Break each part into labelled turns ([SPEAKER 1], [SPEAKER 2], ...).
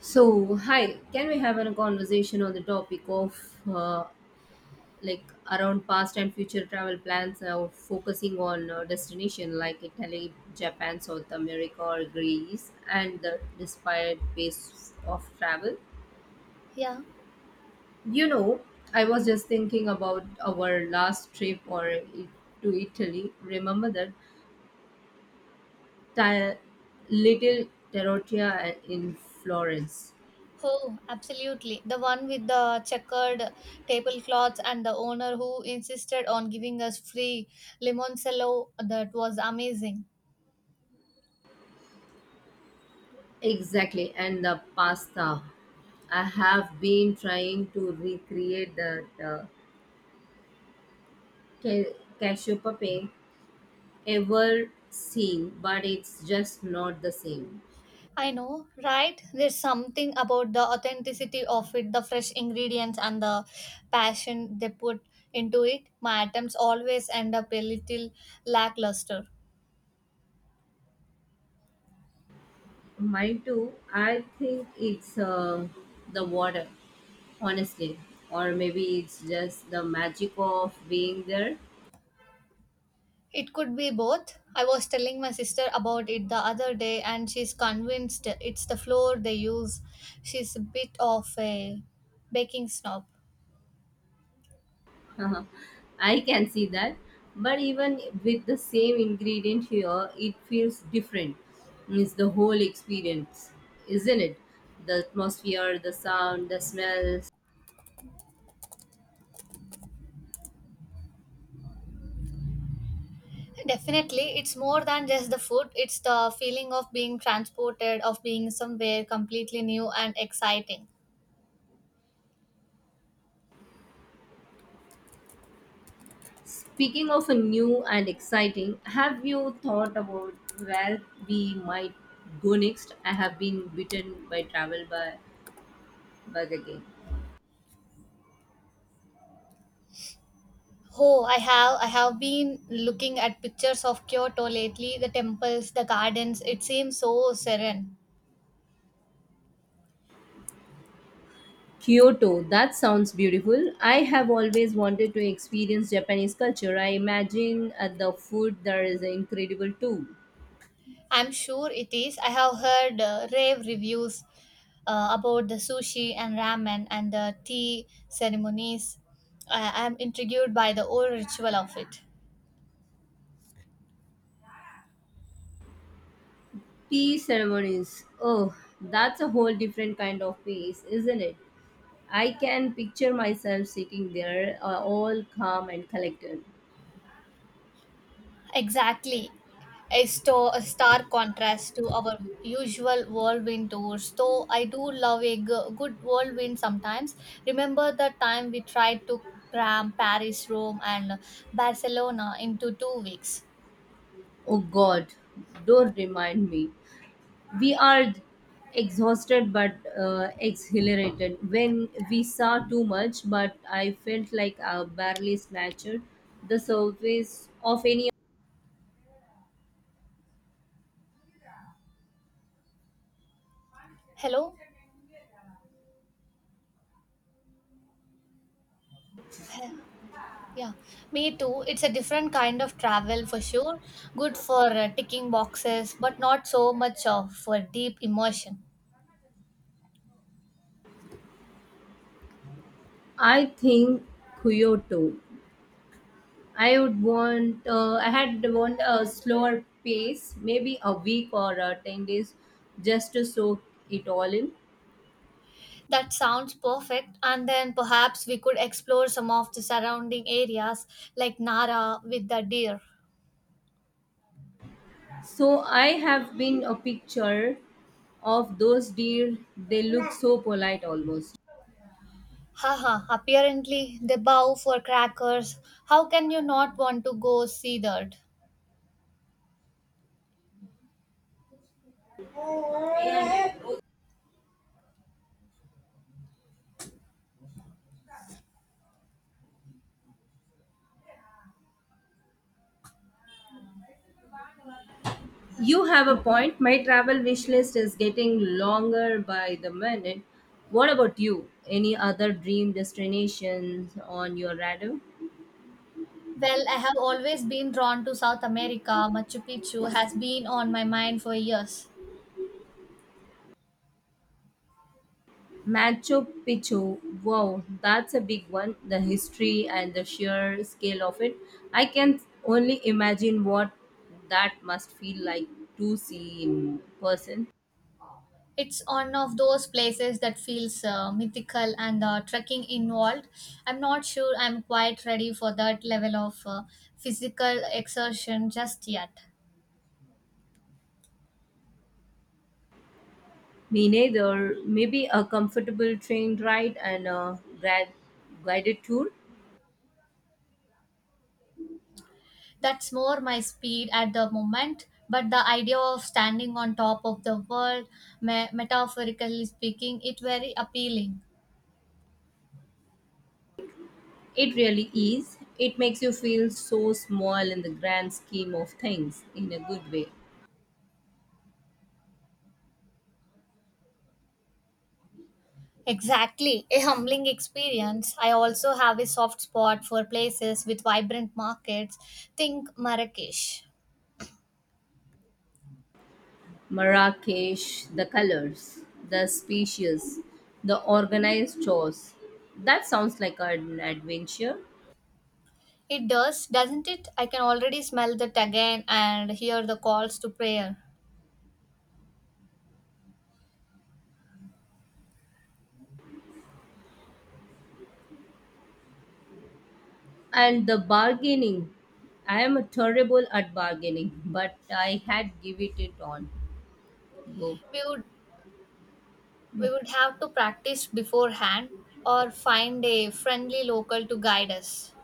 [SPEAKER 1] So, hi, can we have a conversation on the topic of uh, like around past and future travel plans, focusing on destination like Italy, Japan, South America, or Greece, and the desired pace of travel?
[SPEAKER 2] Yeah.
[SPEAKER 1] You know, I was just thinking about our last trip to Italy. Remember that ti- little Terrotia in Florence.
[SPEAKER 2] Oh, absolutely. The one with the checkered tablecloths and the owner who insisted on giving us free limoncello. That was amazing.
[SPEAKER 1] Exactly, and the pasta. I have been trying to recreate that cashew puppet ever seen, but it's just not the same.
[SPEAKER 2] I know, right? There's something about the authenticity of it, the fresh ingredients and the passion they put into it. My items always end up a little lackluster.
[SPEAKER 1] Mine too. I think it's the water, honestly, or maybe it's just the magic of being there.
[SPEAKER 2] It could be both. I was telling my sister about it the other day and she's convinced it's the floor they use. She's a bit of a baking snob.
[SPEAKER 1] Uh-huh. I can see that. But even with the same ingredient here, it feels different. It's the whole experience, isn't it? The atmosphere, the sound, the smells.
[SPEAKER 2] Definitely, it's more than just the food, it's the feeling of being transported, of being somewhere completely new and exciting.
[SPEAKER 1] Speaking of a new and exciting, have you thought about where we might go next? I have been bitten by travel by bug again.
[SPEAKER 2] Oh, I have been looking at pictures of Kyoto lately, the temples, the gardens, it seems so serene.
[SPEAKER 1] Kyoto, that sounds beautiful. I have always wanted to experience Japanese culture. I imagine at the food there is incredible too.
[SPEAKER 2] I'm sure it is. I have heard rave reviews about the sushi and ramen and the tea ceremonies. I am intrigued by the old ritual of it.
[SPEAKER 1] Tea ceremonies. Oh, that's a whole different kind of peace, isn't it? I can picture myself sitting there, all calm and collected.
[SPEAKER 2] Exactly. A stark contrast to our usual whirlwind tours. Though I do love a good whirlwind sometimes. Remember the time we tried to cram Paris, Rome, and Barcelona into 2 weeks?
[SPEAKER 1] Oh God, don't remind me. We are exhausted but exhilarated when we saw too much but I felt like I barely snatched the surface of any.
[SPEAKER 2] Hello? Yeah, me too. It's a different kind of travel for sure. Good for ticking boxes, but not so much of for deep immersion.
[SPEAKER 1] I think kyoto I would want I had want a slower pace, maybe a week or 10 days just to soak it all in.
[SPEAKER 2] That sounds perfect. And then perhaps we could explore some of the surrounding areas like Nara with the deer.
[SPEAKER 1] So I have been a picture of those deer, they look so polite almost.
[SPEAKER 2] Haha, apparently they bow for crackers. How can you not want to go see that?
[SPEAKER 1] You have a point. My travel wish list is getting longer by the minute. What about you? Any other dream destinations on your radar?
[SPEAKER 2] Well, I have always been drawn to South America. Machu Picchu has been on my mind for years.
[SPEAKER 1] Machu Picchu. Wow, that's a big one. The history and the sheer scale of it. I can only imagine what that must feel like to see in person.
[SPEAKER 2] It's one of those places that feels mythical, and the trekking involved, I'm not sure I'm quite ready for that level of physical exertion just yet.
[SPEAKER 1] Me neither. Maybe a comfortable train ride and a guided tour.
[SPEAKER 2] That's more my speed at the moment, but the idea of standing on top of the world, metaphorically speaking, it very appealing.
[SPEAKER 1] It really is. It makes you feel so small in the grand scheme of things in a good way.
[SPEAKER 2] Exactly, a humbling experience. I also have a soft spot for places with vibrant markets. Think Marrakesh.
[SPEAKER 1] Marrakesh, the colors, the species, the organized chores. That sounds like an adventure.
[SPEAKER 2] It does, doesn't it? I can already smell that again and hear the calls to prayer.
[SPEAKER 1] And the bargaining. I am terrible at bargaining, but I had give it on go.
[SPEAKER 2] We would
[SPEAKER 1] Yeah.
[SPEAKER 2] we would have to practice beforehand or find a friendly local to guide us.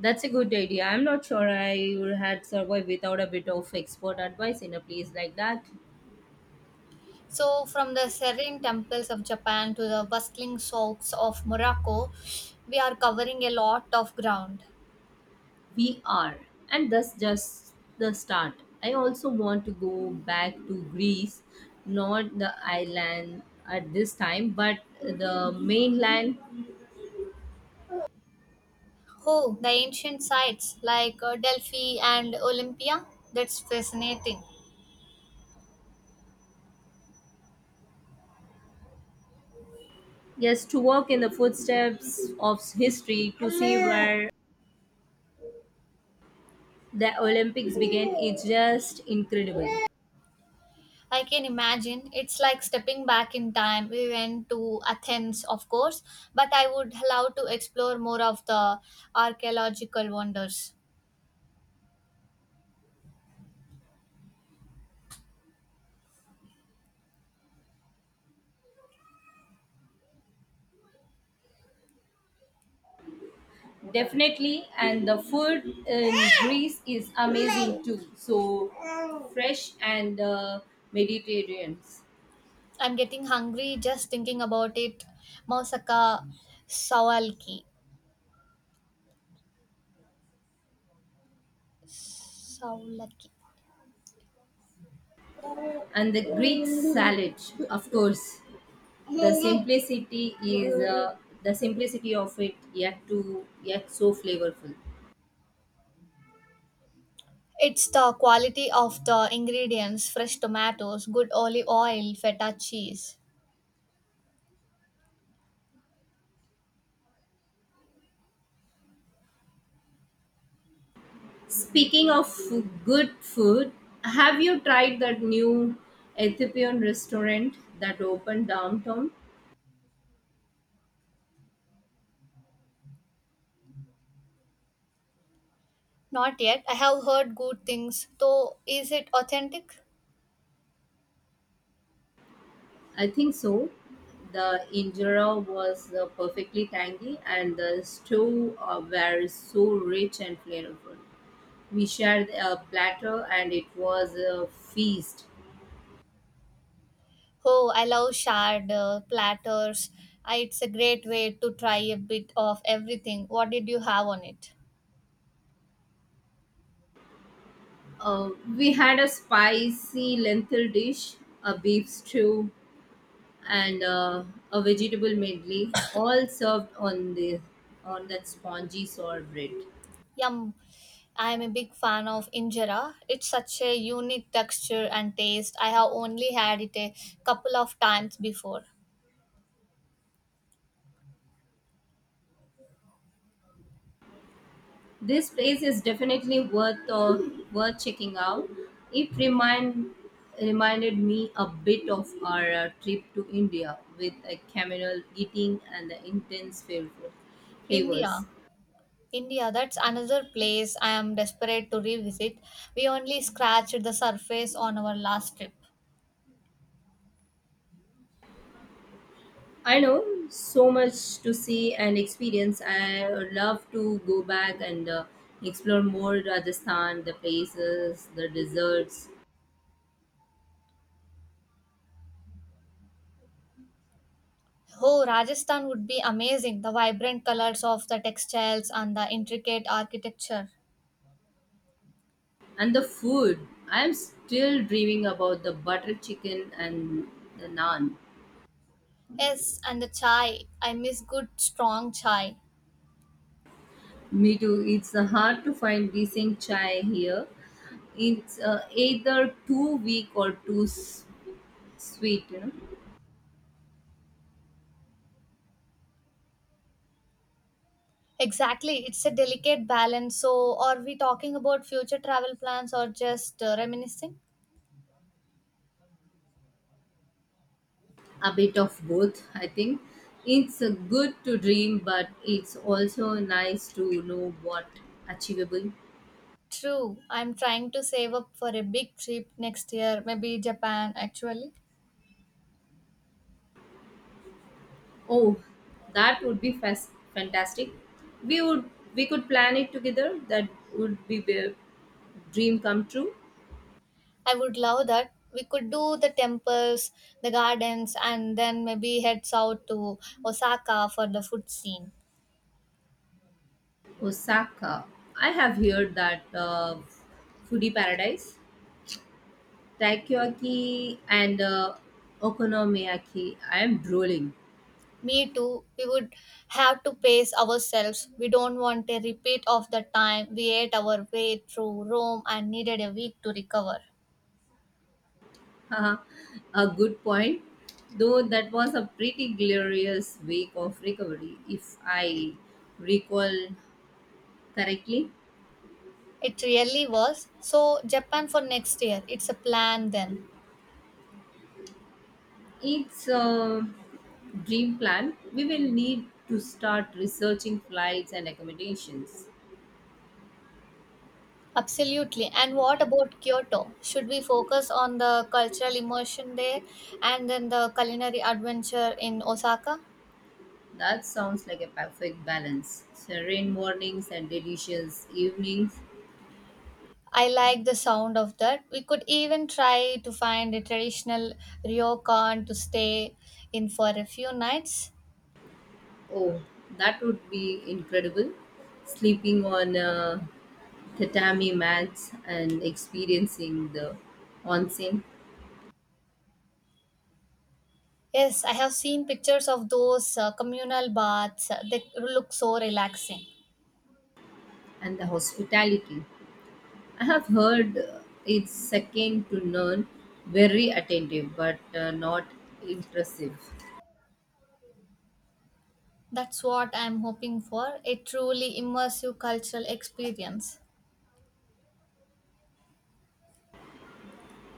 [SPEAKER 1] That's a good idea. I'm not sure I would had survived without a bit of expert advice in a place like that.
[SPEAKER 2] So from the serene temples of Japan to the bustling souks of Morocco, we are covering a lot of ground.
[SPEAKER 1] We are, and that's just the start. I also want to go back to Greece, not the island at this time, but the mainland.
[SPEAKER 2] Oh, the ancient sites like Delphi and Olympia. That's fascinating.
[SPEAKER 1] Yes, to walk in the footsteps of history to see where the Olympics began its just incredible.
[SPEAKER 2] I can imagine. It's like stepping back in time. We went to Athens, of course, but I would love to explore more of the archaeological wonders.
[SPEAKER 1] Definitely, and the food in Greece is amazing too. So fresh and Mediterranean,
[SPEAKER 2] I'm getting hungry just thinking about it. Mausaka. Saulaki. Saulaki.
[SPEAKER 1] and the Greek salad, of course. The simplicity is the simplicity of it yet to yet so flavorful.
[SPEAKER 2] It's the quality of the ingredients: fresh tomatoes, good olive oil, feta cheese.
[SPEAKER 1] Speaking of good food, have you tried that new ethiopian restaurant that opened downtown?
[SPEAKER 2] Not yet. I have heard good things, though, is it authentic?
[SPEAKER 1] I think so. The injera was perfectly tangy and the stew were so rich and flavorful. We shared a platter and it was a feast.
[SPEAKER 2] Oh, I love shard platters. I, it's a great way to try a bit of everything. What did you have on it?
[SPEAKER 1] Uh, we had a spicy lentil dish, a beef stew, and a vegetable medley, all served on the on that spongy sour bread.
[SPEAKER 2] Yum. I am a big fan of injera. It's such a unique texture and taste. I have only had it a couple of times before.
[SPEAKER 1] This place is definitely worth checking out. It reminded me a bit of our trip to India with a communal eating and the intense
[SPEAKER 2] India.
[SPEAKER 1] flavors.
[SPEAKER 2] India, that's another place I am desperate to revisit. We only scratched the surface on our last trip.
[SPEAKER 1] I know so much to see and experience. I would love to go back and explore more Rajasthan, the places, the desserts,
[SPEAKER 2] Oh, Rajasthan would be amazing. The vibrant colors of the textiles and the intricate architecture.
[SPEAKER 1] and the food. I am still dreaming about the butter chicken and the naan.
[SPEAKER 2] Yes, and the chai. I miss good, strong chai.
[SPEAKER 1] Me too. It's hard to find decent chai here. It's either too weak or too sweet, you know.
[SPEAKER 2] Exactly. It's a delicate balance. So, are we talking about future travel plans or just reminiscing?
[SPEAKER 1] A bit of both, I think. It's good to dream, but it's also nice to know what achievable.
[SPEAKER 2] True. I'm trying to save up for a big trip next year, maybe Japan actually.
[SPEAKER 1] Oh, that would be fantastic. We would we could plan it together. That would be a dream come true.
[SPEAKER 2] I would love that. We could do the temples, the gardens, and then maybe head south to Osaka for the food scene.
[SPEAKER 1] Osaka, I have heard that foodie paradise, takoyaki and okonomiyaki, I am drooling.
[SPEAKER 2] Me too. We would have to pace ourselves. We don't want a repeat of the time we ate our way through Rome and needed a week to recover.
[SPEAKER 1] Haha, a good point. Though that was a pretty glorious week of recovery, if I recall correctly.
[SPEAKER 2] It really was. So, Japan for next year. It's a plan then.
[SPEAKER 1] It's a dream plan. We will need to start researching flights and accommodations.
[SPEAKER 2] Absolutely. And what about Kyoto? Should we focus on the cultural immersion there and then the culinary adventure in Osaka?
[SPEAKER 1] That sounds like a perfect balance. Serene mornings and delicious evenings.
[SPEAKER 2] I like the sound of that. We could even try to find a traditional ryokan to stay in for a few nights.
[SPEAKER 1] Oh, that would be incredible. Sleeping on a tatami mats and experiencing the onsen
[SPEAKER 2] Yes, I have seen pictures of those communal baths. They look so relaxing.
[SPEAKER 1] and the hospitality. I have heard it's second to none, very attentive but not impressive.
[SPEAKER 2] That's what I'm hoping for, a truly immersive cultural experience.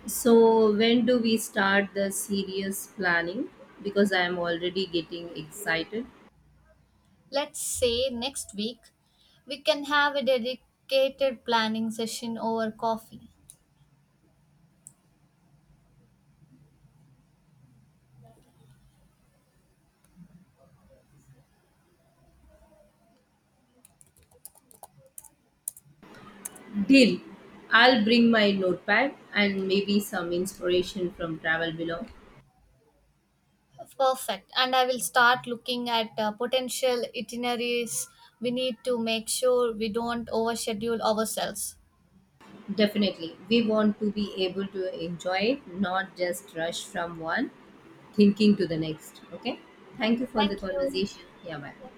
[SPEAKER 1] So, when do we start the serious planning? Because I am already getting excited.
[SPEAKER 2] Let's say next week we can have a dedicated planning session over coffee.
[SPEAKER 1] Deal. I'll bring my notepad and maybe some inspiration from travel below.
[SPEAKER 2] Perfect. And I will start looking at potential itineraries. We need to make sure we don't overschedule ourselves.
[SPEAKER 1] Definitely. We want to be able to enjoy it, not just rush from one thinking to the next. Okay. Thank you for the
[SPEAKER 2] Thank you.
[SPEAKER 1] conversation. Yeah, bye.
[SPEAKER 2] Yeah.